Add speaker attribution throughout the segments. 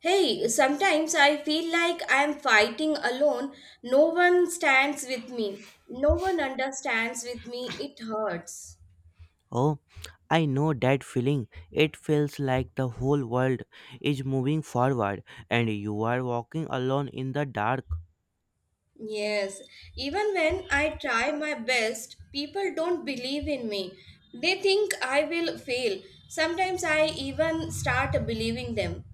Speaker 1: Hey, sometimes I feel like I am fighting alone. No one stands with me. No one understands with me. It hurts.
Speaker 2: Oh, I know that feeling. It feels like the whole world is moving forward and you are walking alone in the dark.
Speaker 1: Yes, even when I try my best, people don't believe in me. They think I will fail. Sometimes I even start believing them.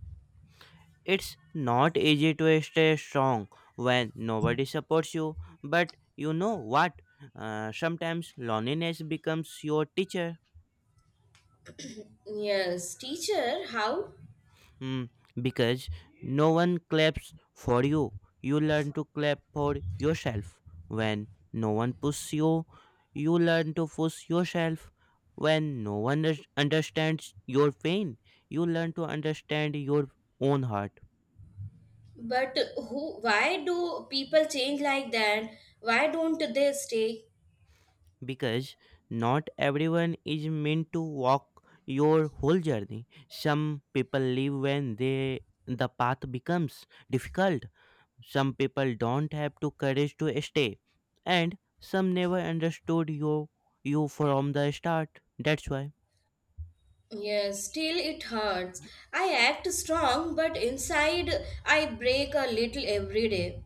Speaker 2: It's not easy to stay strong when nobody supports you, but you know what? Sometimes loneliness becomes your teacher.
Speaker 1: Yes, teacher, how?
Speaker 2: Hmm, because no one claps for you. You learn to clap for yourself. When no one pushes you, you learn to push yourself. When no one understands your pain, you learn to understand your own heart.
Speaker 1: But why do people change like that? Why don't they stay?
Speaker 2: Because not everyone is meant to walk your whole journey. Some people leave when the path becomes difficult. Some people don't have the courage to stay, and some never understood you from the start. That's why.
Speaker 1: Yes, still it hurts. I act strong, but inside I break a little every day.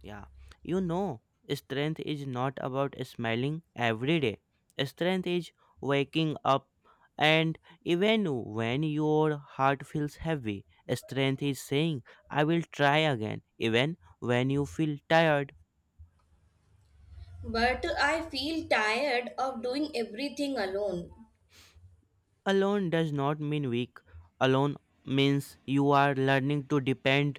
Speaker 2: Yeah. You know, strength is not about smiling every day. Strength is waking up and, even when your heart feels heavy, strength is saying, I will try again, even when you feel tired.
Speaker 1: But I feel tired of doing everything alone.
Speaker 2: Alone does not mean weak. Alone means you are learning to depend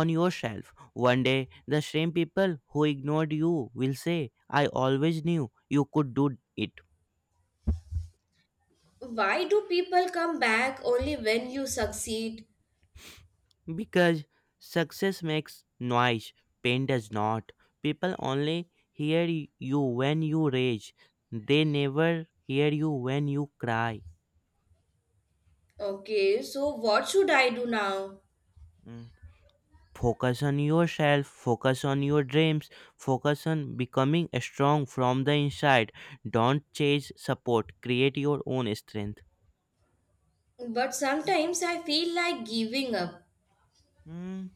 Speaker 2: on yourself. One day the same people who ignored you will say, I always knew you could do it.
Speaker 1: Why do people come back only when you succeed?
Speaker 2: Because success makes noise, pain does not. People only hear y- you when you rage. They never hear you when you cry.
Speaker 1: Okay, so what should I do now?
Speaker 2: Mm. Focus on yourself, focus on your dreams, focus on becoming strong from the inside. Don't chase support, create your own strength.
Speaker 1: But sometimes I feel like giving up.
Speaker 2: Hmm.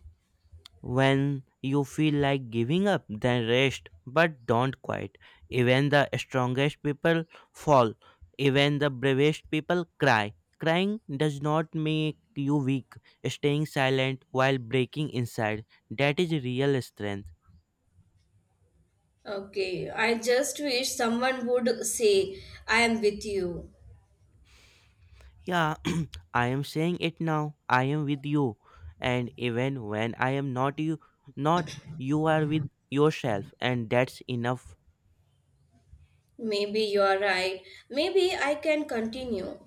Speaker 2: When you feel like giving up, then rest, but don't quit. Even the strongest people fall, even the bravest people cry. Crying does not make you weak. Staying silent while breaking inside, that is real strength.
Speaker 1: Okay, I just wish someone would say, I am with you.
Speaker 2: Yeah, I am saying it now. I am with you. And even when I am not, you are with yourself, and that's enough.
Speaker 1: Maybe you are right. Maybe I can continue.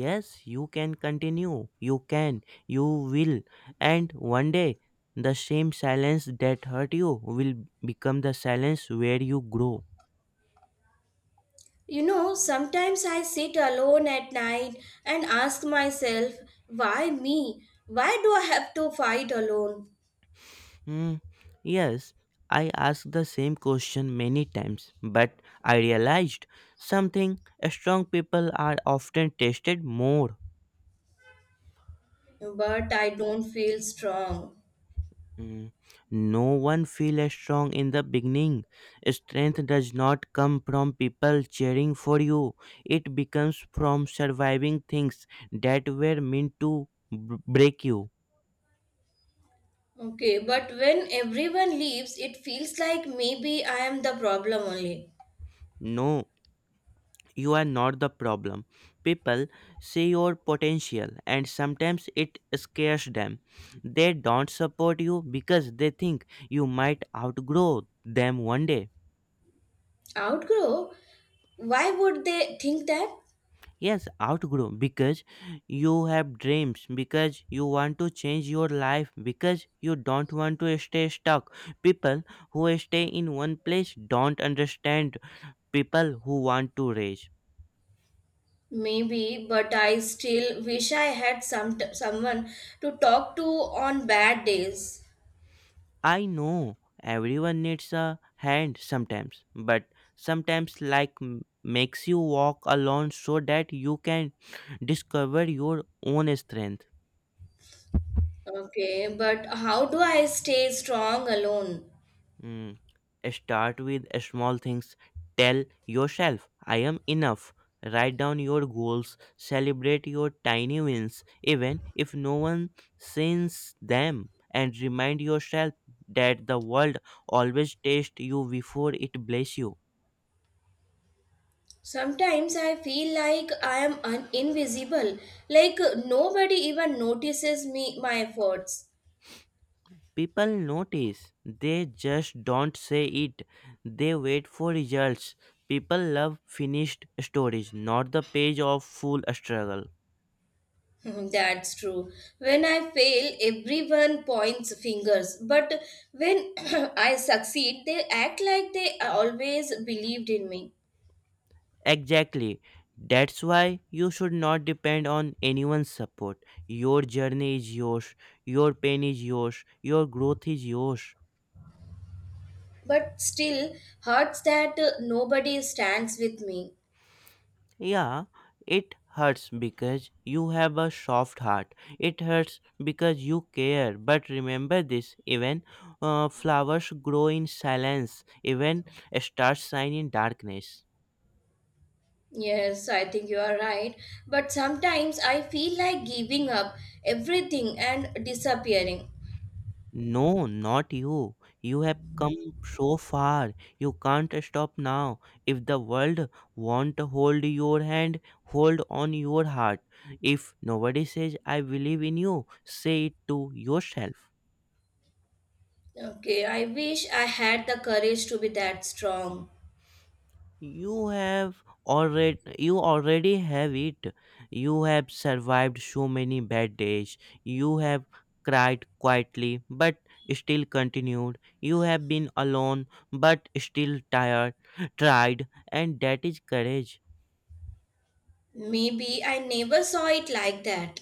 Speaker 2: Yes, you can continue. You can. You will. And one day the same silence that hurt you will become the silence where you grow.
Speaker 1: You know, sometimes I sit alone at night and ask myself, why me? Why do I have to fight alone?
Speaker 2: Hmm. Yes, I asked the same question many times, but I realized something. Strong people are often tested more.
Speaker 1: But I don't feel strong.
Speaker 2: Mm. No one feel as strong in the beginning. Strength does not come from people cheering for you. It becomes from surviving things that were meant to break you.
Speaker 1: Okay, but when everyone leaves, it feels like maybe I am the problem only.
Speaker 2: No, you are not the problem. People see your potential and sometimes it scares them. They don't support you because they think you might outgrow them one day.
Speaker 1: Outgrow? Why would they think that?
Speaker 2: Yes, outgrow because you have dreams, because you want to change your life, because you don't want to stay stuck. People who stay in one place don't understand people who want to raise.
Speaker 1: Maybe, but I still wish I had someone to talk to on bad days.
Speaker 2: I know everyone needs a hand sometimes, but sometimes like makes you walk alone so that you can discover your own strength.
Speaker 1: Okay, but how do I stay strong alone?
Speaker 2: Mm. Start with small things. Tell yourself, I am enough. Write down your goals. Celebrate your tiny wins, even if no one sees them. And remind yourself that the world always tests you before it blesses you.
Speaker 1: Sometimes I feel like I am invisible, like nobody even notices me my efforts.
Speaker 2: People notice, they just don't say it. They wait for results. People love finished stories, not the page of full struggle.
Speaker 1: That's true. When I fail, everyone points fingers, but when I succeed, they act like they always believed in me.
Speaker 2: Exactly. That's why you should not depend on anyone's support. Your journey is yours, your pain is yours, your growth is yours.
Speaker 1: But still, hurts that nobody stands with me.
Speaker 2: Yeah, it hurts because you have a soft heart. It hurts because you care. But remember this: even, flowers grow in silence, even stars shine in darkness.
Speaker 1: Yes, I think you are right. But sometimes I feel like giving up everything and disappearing.
Speaker 2: No, not you. You have come so far. You can't stop now. If the world want to hold your hand, hold on your heart. If nobody says I believe in you, say it to yourself.
Speaker 1: Okay, I wish I had the courage to be that strong.
Speaker 2: You already have it. You have survived so many bad days. You have cried quietly but still continued. You have been alone but still tired tried, and that is courage.
Speaker 1: Maybe I never saw it like that.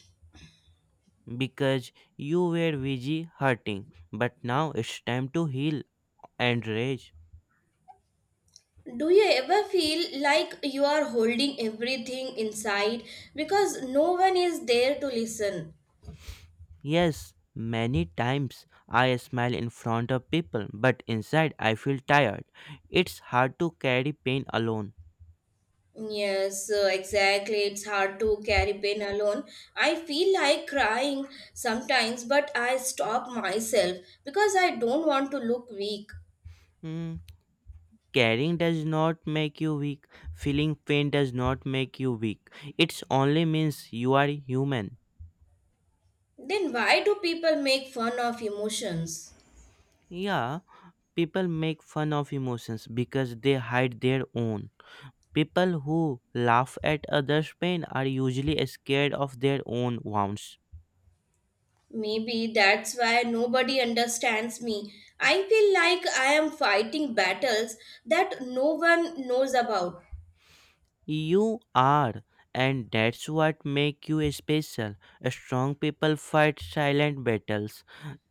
Speaker 2: Because you were busy hurting, but now it's time to heal and rage.
Speaker 1: Do you ever feel like you are holding everything inside because no one is there to listen?
Speaker 2: Yes, many times I smile in front of people, but inside I feel tired. It's hard to carry pain alone.
Speaker 1: Yes, exactly. It's hard to carry pain alone. I feel like crying sometimes, but I stop myself because I don't want to look weak.
Speaker 2: Hmm. Carrying does not make you weak. Feeling pain does not make you weak. It only means you are human.
Speaker 1: Then why do people make fun of emotions?
Speaker 2: Yeah, people make fun of emotions because they hide their own. People who laugh at others' pain are usually scared of their own wounds.
Speaker 1: Maybe that's why nobody understands me. I feel like I am fighting battles that no one knows about.
Speaker 2: You are, and that's what make you special. Strong people fight silent battles.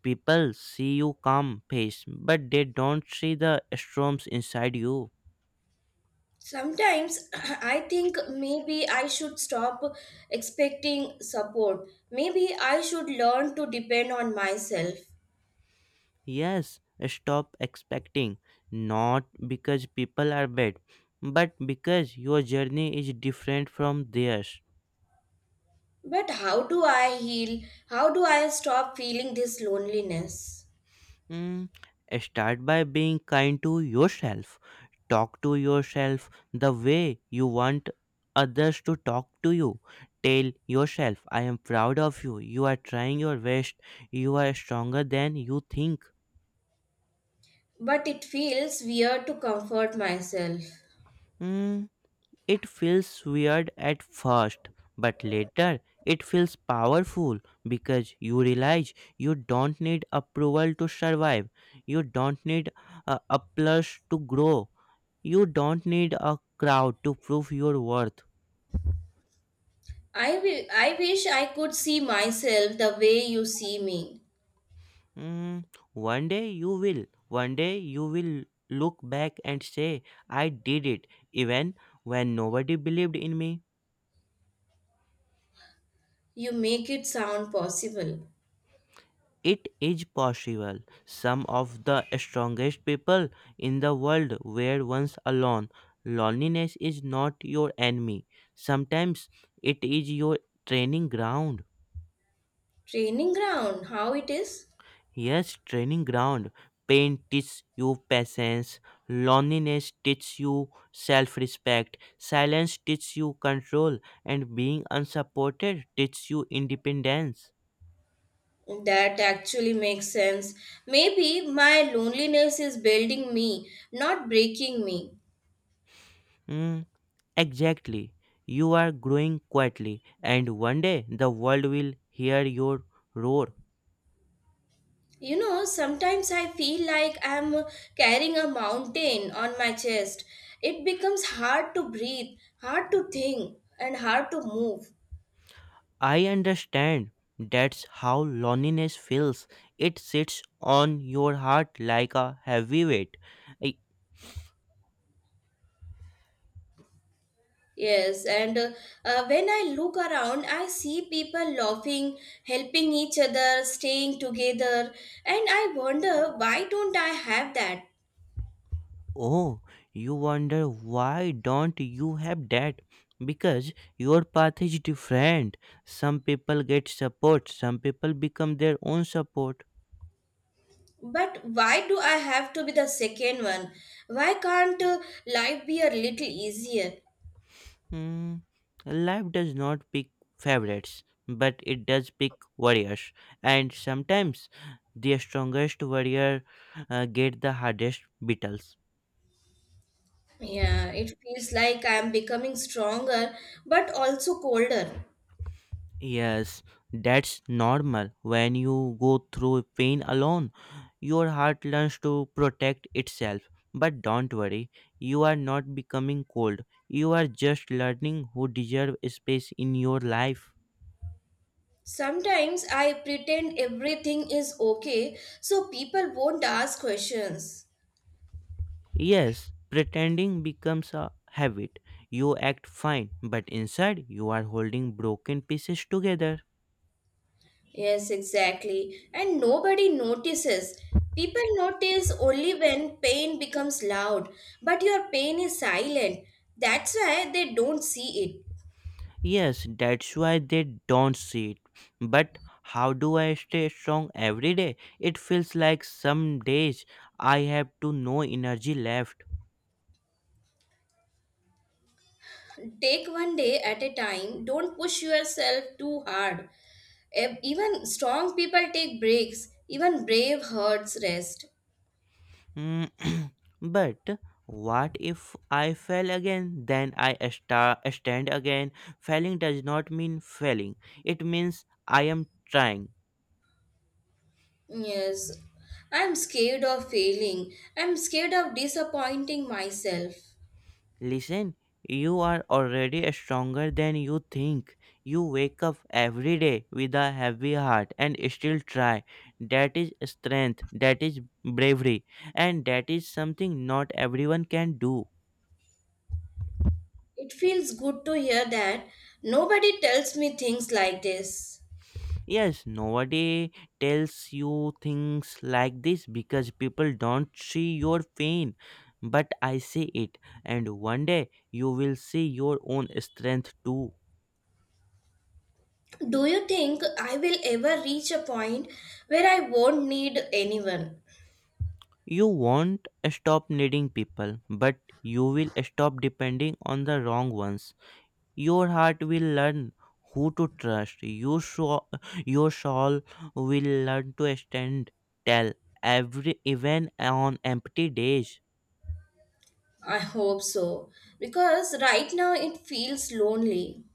Speaker 2: People see you calm face, but they don't see the storms inside you.
Speaker 1: Sometimes I think maybe I should stop expecting support. Maybe I should learn to depend on myself.
Speaker 2: Yes, stop expecting. Not because people are bad, but because your journey is different from theirs.
Speaker 1: But how do I heal? How do I stop feeling this loneliness?
Speaker 2: Mm. Start by being kind to yourself. Talk to yourself the way you want others to talk to you. Tell yourself, I am proud of you. You are trying your best. You are stronger than you think.
Speaker 1: But it feels weird to comfort myself.
Speaker 2: Mm. It feels weird at first, but later it feels powerful because you realize you don't need approval to survive. You don't need a applause to grow. You don't need a crowd to prove your worth.
Speaker 1: I wish I could see myself the way you see me.
Speaker 2: Mm, one day you will. One day you will look back and say, I did it, even when nobody believed in me.
Speaker 1: You make it sound possible.
Speaker 2: It is possible. Some of the strongest people in the world were once alone. Loneliness is not your enemy. Sometimes it is your training ground.
Speaker 1: Training ground, how it is?
Speaker 2: Yes, training ground. Pain teaches you patience. Loneliness teaches you self respect. Silence teaches you control. And being unsupported teaches you independence.
Speaker 1: That actually makes sense. Maybe my loneliness is building me, not breaking me.
Speaker 2: Hmm. Exactly. You are growing quietly, and one day the world will hear your roar.
Speaker 1: You know, sometimes I feel like I'm carrying a mountain on my chest. It becomes hard to breathe, hard to think, and hard to move.
Speaker 2: I understand. That's how loneliness feels. It sits on your heart like a heavy weight. I-
Speaker 1: Yes, and when I look around, I see people laughing, helping each other, staying together, and I wonder why don't I have that?
Speaker 2: oh, you wonder why don't you have that? Because your path is different. Some people get support, some people become their own support.
Speaker 1: But why do I have to be the second one? Why can't life be a little easier?
Speaker 2: Hmm. Life does not pick favorites, but it does pick warriors. And sometimes the strongest warrior, get the hardest battles.
Speaker 1: Yeah, it feels like I am becoming stronger but also colder.
Speaker 2: Yes, that's normal. When you go through pain alone, your heart learns to protect itself. But don't worry, you are not becoming cold. You are just learning who deserve space in your life.
Speaker 1: Sometimes I pretend everything is okay so people won't ask questions.
Speaker 2: Yes, pretending becomes a habit. You act fine, but inside you are holding broken pieces together.
Speaker 1: Yes, exactly. And nobody notices. People notice only when pain becomes loud, but your pain is silent. That's why they don't see
Speaker 2: Yes, that's why they don't see it. But how do I stay strong every day? It feels like some days I have to no energy left.
Speaker 1: it. Take one day at a time. Don't push yourself too hard. Even strong people take breaks. Even brave hearts rest.
Speaker 2: Mm, but what if I fail again? Then I stand again. Failing does not mean failing, it means I am trying.
Speaker 1: Yes. I'm scared of failing. I'm scared of disappointing myself.
Speaker 2: Listen, you are already stronger than you think. You wake up every day with a heavy heart and still try. That is strength, that is bravery, and that is something not everyone can do.
Speaker 1: It feels good to hear that nobody tells me things like this.
Speaker 2: Yes, nobody tells you things like this because people don't see your pain, but I see it, and one day you will see your own strength too.
Speaker 1: Do you think I will ever reach a point where I won't need anyone?
Speaker 2: You won't stop needing people, but you will stop depending on the wrong ones. Your heart will learn who to trust. Your soul will learn to stand tell every even on empty days.
Speaker 1: I hope so, because right now it feels lonely.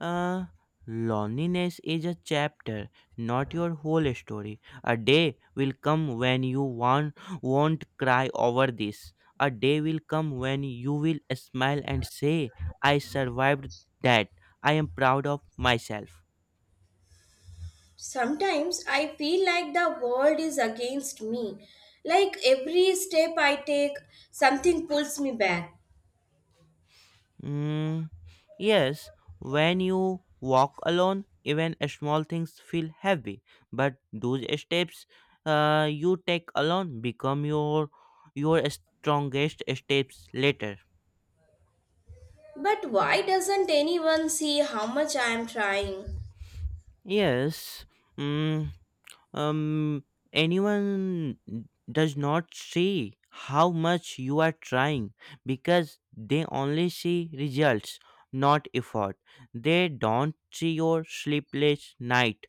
Speaker 2: Uh, Loneliness is a chapter, not your whole story. A day will come when you won't cry over this. A day will come when you will smile and say, I survived that. I am proud of myself.
Speaker 1: Sometimes I feel like the world is against me. Like every step I take, something pulls me back.
Speaker 2: Mm, yes, when you walk alone, even small things feel heavy. But those steps, you take alone become your strongest steps later.
Speaker 1: But why doesn't anyone see how much I am trying?
Speaker 2: Yes. Mm. um. Anyone does not see how much you are trying because they only see results, not effort. They don't see your sleepless night,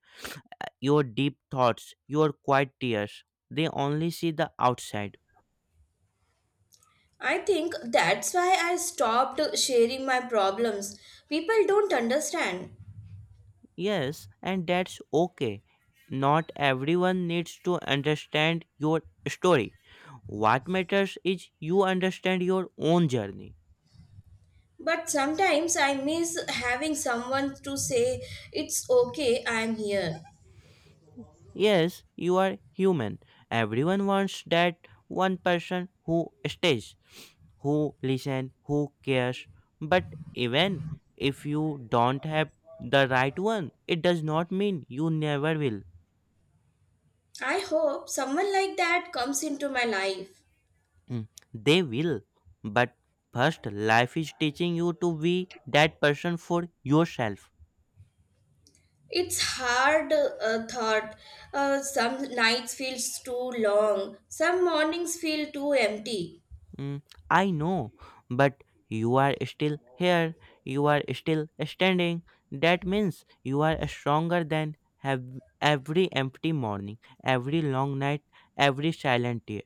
Speaker 2: your deep thoughts, your quiet tears. They only see the outside.
Speaker 1: I think that's why I stopped sharing my problems. People don't understand.
Speaker 2: Yes, and that's okay. Not everyone needs to understand your story. What matters is you understand your own journey.
Speaker 1: But sometimes I miss having someone to say, it's okay, I'm here.
Speaker 2: Yes, you are human. Everyone wants that one person who stays, who listen, who cares. But even if you don't have the right one, it does not mean you never will.
Speaker 1: I hope someone like that comes into my life.
Speaker 2: Mm, they will. But first, life is teaching you to be that person for yourself.
Speaker 1: It's hard, thought. Some nights feels too long. Some mornings feel too empty.
Speaker 2: Mm, I know, but you are still here. You are still standing. That means you are stronger than have every empty morning, every long night, every silent tear.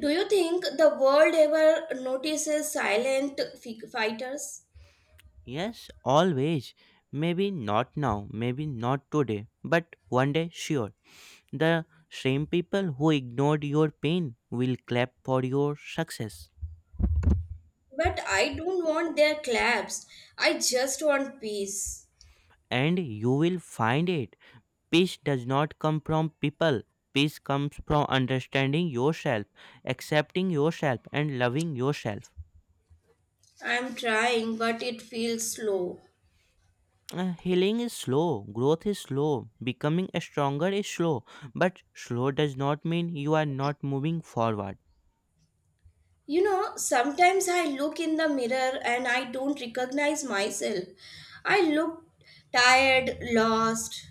Speaker 1: Do you think the world ever notices silent fighters?
Speaker 2: Yes, always. Maybe not now, maybe not today, but one day sure. The same people who ignored your pain will clap for your success.
Speaker 1: But I don't want their claps. I just want peace.
Speaker 2: And you will find it. Peace does not come from people. Peace comes from understanding yourself, accepting yourself, and loving yourself.
Speaker 1: I'm trying, but it feels slow.
Speaker 2: Healing is slow, growth is slow, becoming stronger is slow, but slow does not mean you are not moving forward.
Speaker 1: You know, sometimes I look in the mirror and I don't recognize myself. I look tired, lost.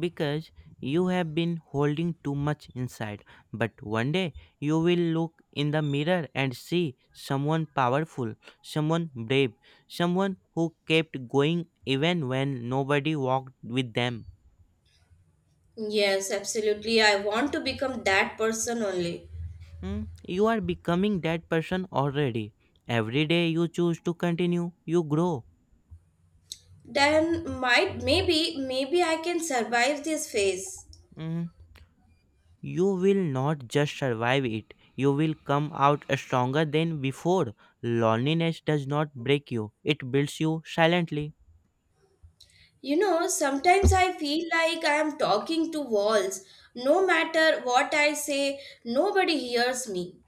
Speaker 2: Because you have been holding too much inside. But one day you will look in the mirror and see someone powerful, someone brave, someone who kept going even when nobody walked with them.
Speaker 1: Yes, absolutely. I want to become that person only.
Speaker 2: Hmm. You are becoming that person already. Every day you choose to continue, you grow.
Speaker 1: Then might maybe maybe I can survive this phase.
Speaker 2: Hmm. You will not just survive it, you will come out stronger than before. Loneliness does not break you, it builds you silently.
Speaker 1: You know, sometimes I feel like I am talking to walls. No matter what I say, nobody hears me.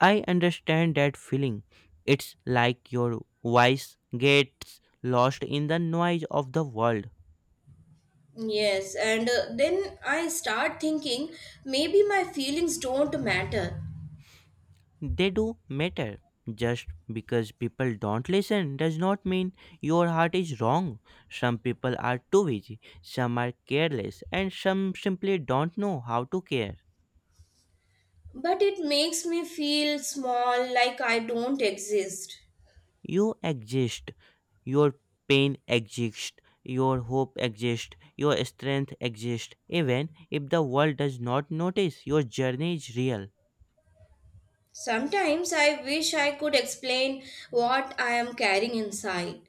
Speaker 2: I understand that feeling. It's like your voice gets lost in the noise of the world.
Speaker 1: Yes, and then I start thinking maybe my feelings don't matter.
Speaker 2: They do matter. Just because people don't listen does not mean your heart is wrong. Some people are too busy, some are careless, and some simply don't know how to care.
Speaker 1: But it makes me feel small, like I don't exist.
Speaker 2: You exist. Your pain exists. Your hope exists. Your strength exists. Even if the world does not notice, your journey is real.
Speaker 1: Sometimes I wish I could explain what I am carrying inside.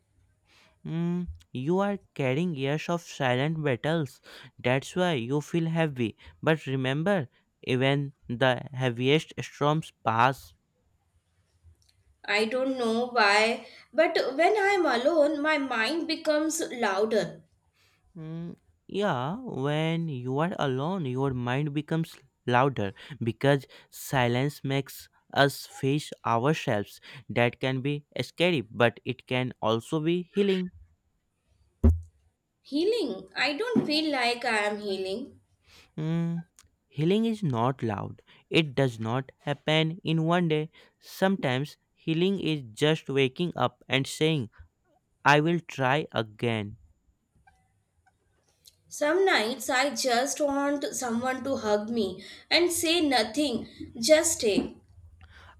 Speaker 2: Mm, you are carrying years of silent battles. That's why you feel heavy. But remember, even the heaviest storms pass.
Speaker 1: I don't know why, but when I am alone, my mind becomes louder.
Speaker 2: Mm, yeah, when you are alone, your mind becomes louder because silence makes us face ourselves. That can be scary, but it can also be healing.
Speaker 1: Healing? I don't feel like I am healing.
Speaker 2: Mm, Healing is not loud. It does not happen in one day. Sometimes healing is just waking up and saying, I will try again.
Speaker 1: Some nights I just want someone to hug me and say nothing, just take.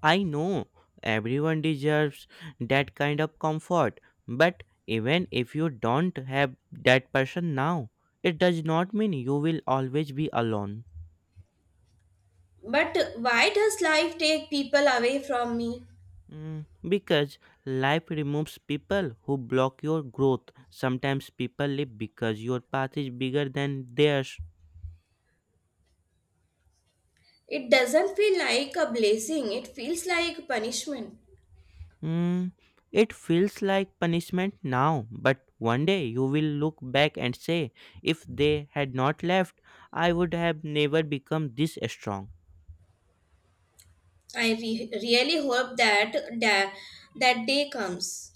Speaker 2: I know everyone deserves that kind of comfort, but even if you don't have that person now, it does not mean you will always be alone.
Speaker 1: But why does life take people away from me?
Speaker 2: Because life removes people who block your growth. Sometimes people live because your path is bigger than theirs.
Speaker 1: It doesn't feel like a blessing, it feels like punishment.
Speaker 2: Mm, it feels like punishment now, but one day you will look back and say, if they had not left, I would have never become this strong.
Speaker 1: Really hope that that day comes.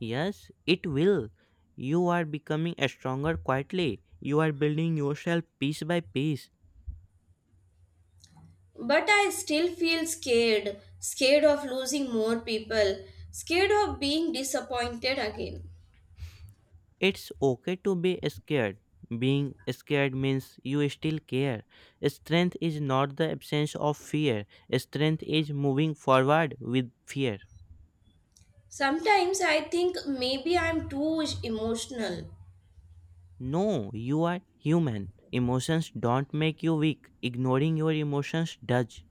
Speaker 2: Yes, it will. You are becoming stronger quietly. You are building yourself piece by piece.
Speaker 1: But I still feel scared, scared of losing more people, scared of being disappointed again.
Speaker 2: It's okay to be scared. Being scared means you still care. Strength is not the absence of fear, strength is moving forward with fear.
Speaker 1: Sometimes I think maybe I'm too emotional.
Speaker 2: No, you are human. Emotions don't make you weak. Ignoring your emotions does.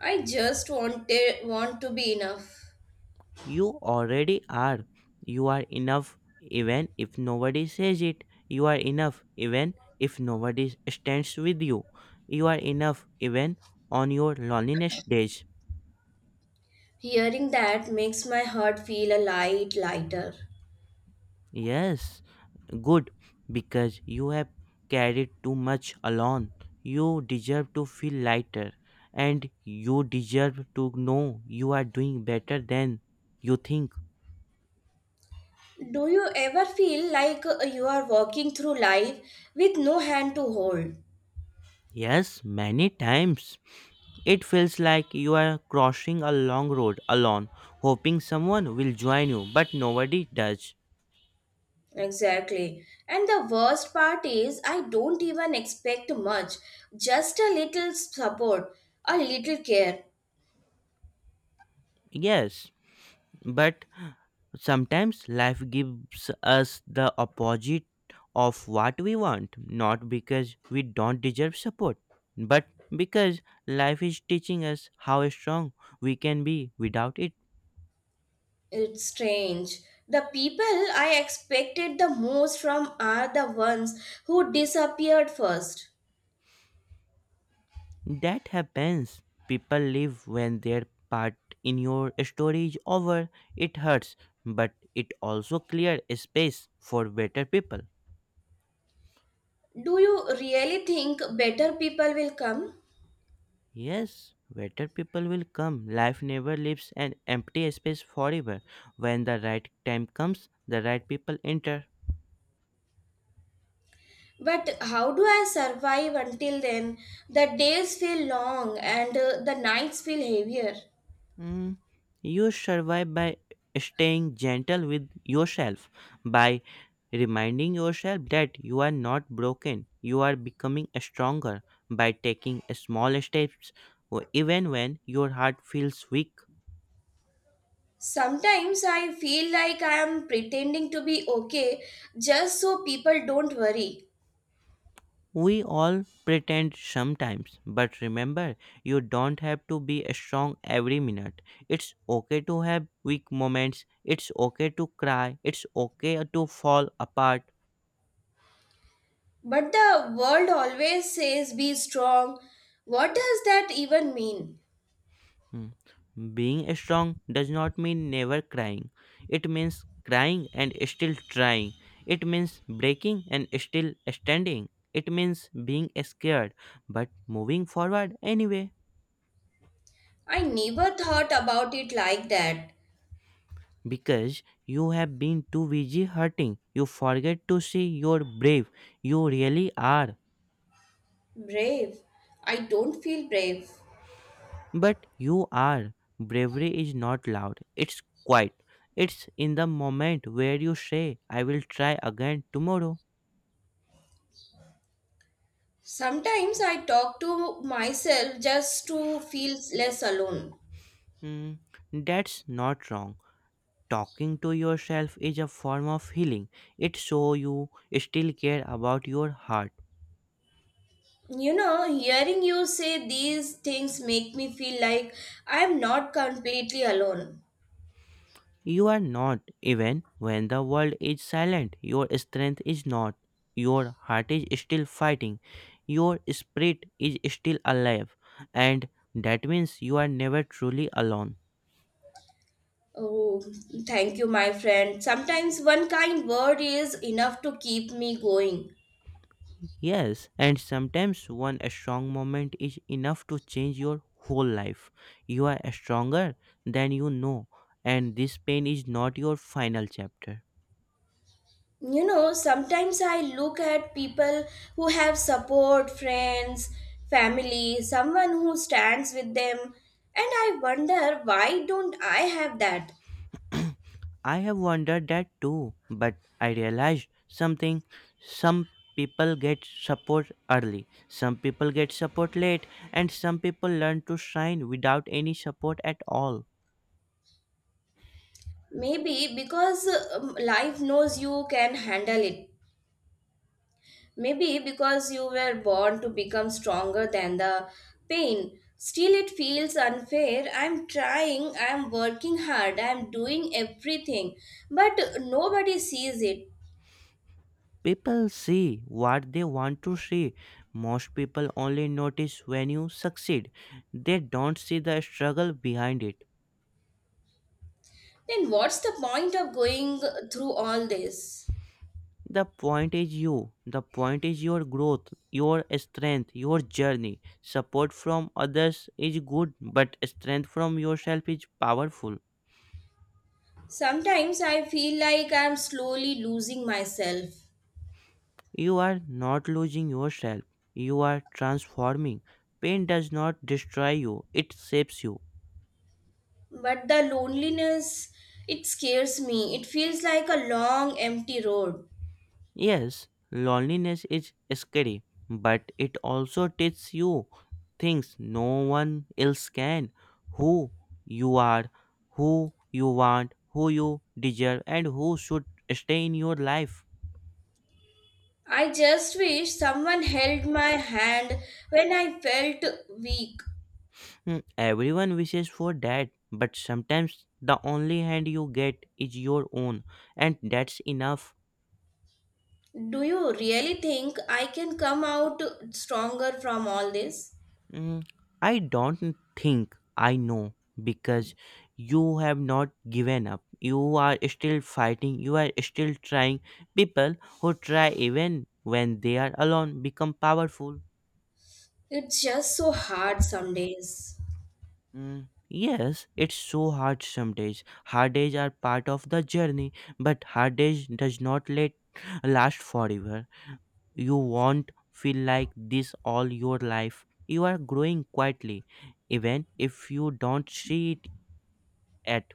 Speaker 1: I just want to be enough.
Speaker 2: You already are. You are enough even if nobody says it. You are enough even if nobody stands with you. You are enough even on your loneliness days.
Speaker 1: Hearing that makes my heart feel a lighter.
Speaker 2: Yes, good, because you have carried too much alone. You deserve to feel lighter, and you deserve to know you are doing better than you think.
Speaker 1: Do you ever feel like you are walking through life with no hand to hold?
Speaker 2: Yes, many times. It feels like you are crossing a long road alone, hoping someone will join you, but nobody does.
Speaker 1: Exactly. And the worst part is, I don't even expect much, just a little support, a little care.
Speaker 2: Yes, but sometimes life gives us the opposite of what we want, not because we don't deserve support, but because life is teaching us how strong we can be without it.
Speaker 1: It's strange. The people I expected the most from are the ones who disappeared first.
Speaker 2: That happens. People leave when their part in your story is over. It hurts, but it also clears space for better people.
Speaker 1: Do you really think better people will come?
Speaker 2: Yes, better people will come. Life never leaves an empty space forever. When the right time comes, the right people enter.
Speaker 1: But how do I survive until then? The days feel long and the nights feel heavier.
Speaker 2: Mm, you survive by staying gentle with yourself, by reminding yourself that you are not broken, you are becoming stronger, by taking small steps, even when your heart feels weak.
Speaker 1: Sometimes I feel like I am pretending to be okay just so people don't worry.
Speaker 2: We all pretend sometimes, but remember, you don't have to be strong every minute. It's okay to have weak moments. It's okay to cry. It's okay to fall apart.
Speaker 1: But the world always says be strong. What does that even mean?
Speaker 2: Hmm. Being strong does not mean never crying. It means crying and still trying. It means breaking and still standing. It means being scared but moving forward anyway.
Speaker 1: I never thought about it like that.
Speaker 2: Because you have been too busy hurting. You forget to see you're brave. You really are.
Speaker 1: Brave. I don't feel brave.
Speaker 2: But you are. Bravery is not loud, it's quiet. It's in the moment where you say, I will try again tomorrow.
Speaker 1: Sometimes I talk to myself just to feel less alone.
Speaker 2: Hmm, that's not wrong. Talking to yourself is a form of healing. It shows you still care about your heart.
Speaker 1: You know, hearing you say these things make me feel like I'm not completely alone.
Speaker 2: You are not, even when the world is silent, your strength is not. Your heart is still fighting, your spirit is still alive, and that means you are never truly alone.
Speaker 1: Oh, thank you, my friend. Sometimes one kind word is enough to keep me going.
Speaker 2: Yes, and sometimes one strong moment is enough to change your whole life. You are stronger than you know, and this pain is not your final chapter.
Speaker 1: You know, sometimes I look at people who have support, friends, family, someone who stands with them, and I wonder why don't I have that?
Speaker 2: I have wondered that too, but I realized something. Some people get support early, some people get support late, and some people learn to shine without any support at all.
Speaker 1: Maybe because life knows you can handle it. Maybe because you were born to become stronger than the pain. Still, it feels unfair. I'm working hard, I'm doing everything, but nobody sees it.
Speaker 2: People see what they want to see. Most people only notice when you succeed, they don't see the struggle behind it.
Speaker 1: Then what's the point of going through all this?
Speaker 2: The point is you, the point is your growth, your strength, your journey. Support from others is good, but strength from yourself is powerful.
Speaker 1: Sometimes I feel like I'm slowly losing myself.
Speaker 2: You are not losing yourself, you are transforming. Pain does not destroy you, it shapes you.
Speaker 1: But the loneliness, it scares me. It feels like a long, empty road.
Speaker 2: Yes, loneliness is scary, but it also teaches you things no one else can: who you are, who you want, who you deserve, and who should stay in your life.
Speaker 1: I just wish someone held my hand when I felt weak.
Speaker 2: Hmm, everyone wishes for that, but sometimes the only hand you get is your own, and that's enough.
Speaker 1: Do you really think I can come out stronger from all this?
Speaker 2: Mm, I don't think, I know, because you have not given up. You are still fighting. You are still trying. People who try even when they are alone become powerful.
Speaker 1: It's just so hard some days.
Speaker 2: Mm, yes, it's so hard some days. Hard days are part of the journey, but hard days does not let last forever. You won't feel like this all your life. You are growing quietly, even if you don't see it at.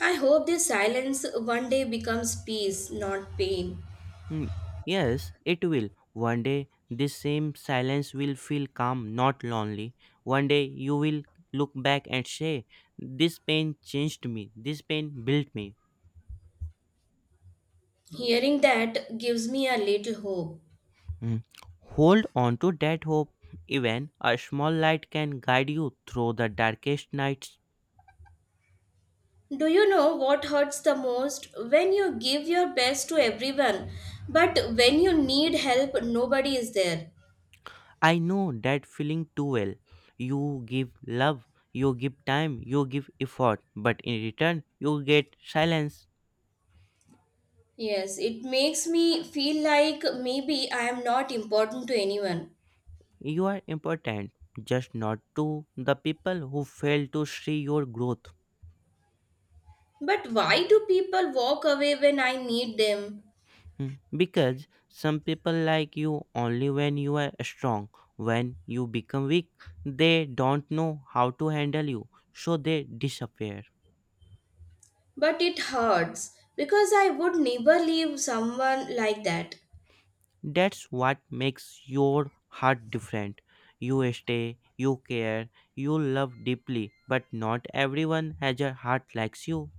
Speaker 1: I hope this silence one day becomes peace, not pain.
Speaker 2: Hmm, yes, it will. One day, this same silence will feel calm, not lonely. One day, you will look back and say, this pain changed me, this pain built me.
Speaker 1: Hearing that gives me a little hope.
Speaker 2: Hmm. Hold on to that hope. Even a small light can guide you through the darkest nights.
Speaker 1: Do you know what hurts the most? When you give your best to everyone, but when you need help, nobody is there.
Speaker 2: I know that feeling too well. You give love, you give time, you give effort, but in return, you get silence.
Speaker 1: Yes, it makes me feel like maybe I am not important to anyone.
Speaker 2: You are important, just not to the people who fail to see your growth.
Speaker 1: But why do people walk away when I need them?
Speaker 2: Hmm. Because some people like you only when you are strong. When you become weak, they don't know how to handle you, so they disappear.
Speaker 1: But it hurts because I would never leave someone like that.
Speaker 2: That's what makes your heart different. You stay, you care, you love deeply, but not everyone has a heart like you.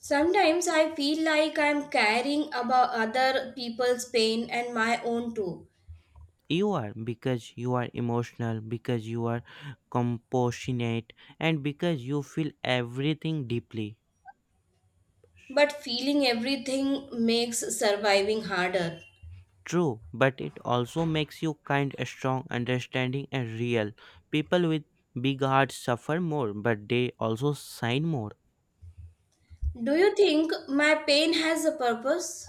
Speaker 1: Sometimes I feel like I'm caring about other people's pain and my own too.
Speaker 2: You are, because you are emotional, because you are compassionate, and because you feel everything deeply.
Speaker 1: But feeling everything makes surviving harder.
Speaker 2: True, but it also makes you kind, strong, understanding, and real. People with big hearts suffer more, but they also sign more.
Speaker 1: Do you think my pain has a purpose?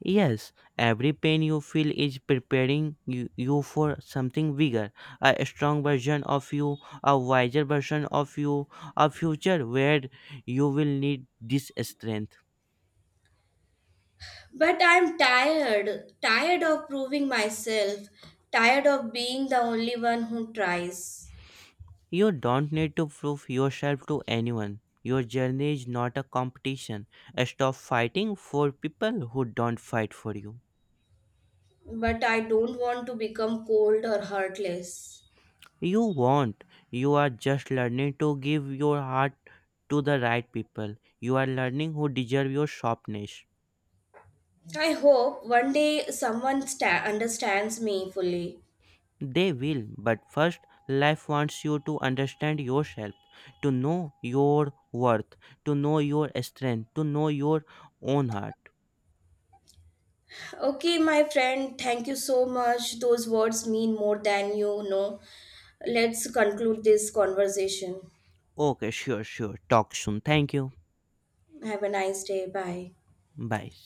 Speaker 2: Yes, every pain you feel is preparing you, you for something bigger, a strong version of you, a wiser version of you, a future where you will need this strength.
Speaker 1: But I'm tired, tired of proving myself, tired of being the only one who tries.
Speaker 2: You don't need to prove yourself to anyone. Your journey is not a competition. Stop fighting for people who don't fight for you.
Speaker 1: But I don't want to become cold or heartless.
Speaker 2: You won't. You are just learning to give your heart to the right people. You are learning who deserve your softness.
Speaker 1: I hope one day someone understands me fully.
Speaker 2: They will, but first, life wants you to understand yourself, to know your worth, to know your strength, to know your own heart.
Speaker 1: Okay, my friend, thank you so much. Those words mean more than you know. Let's conclude this conversation.
Speaker 2: Okay, sure, sure. Talk soon. Thank you.
Speaker 1: Have a nice day. Bye.
Speaker 2: Bye.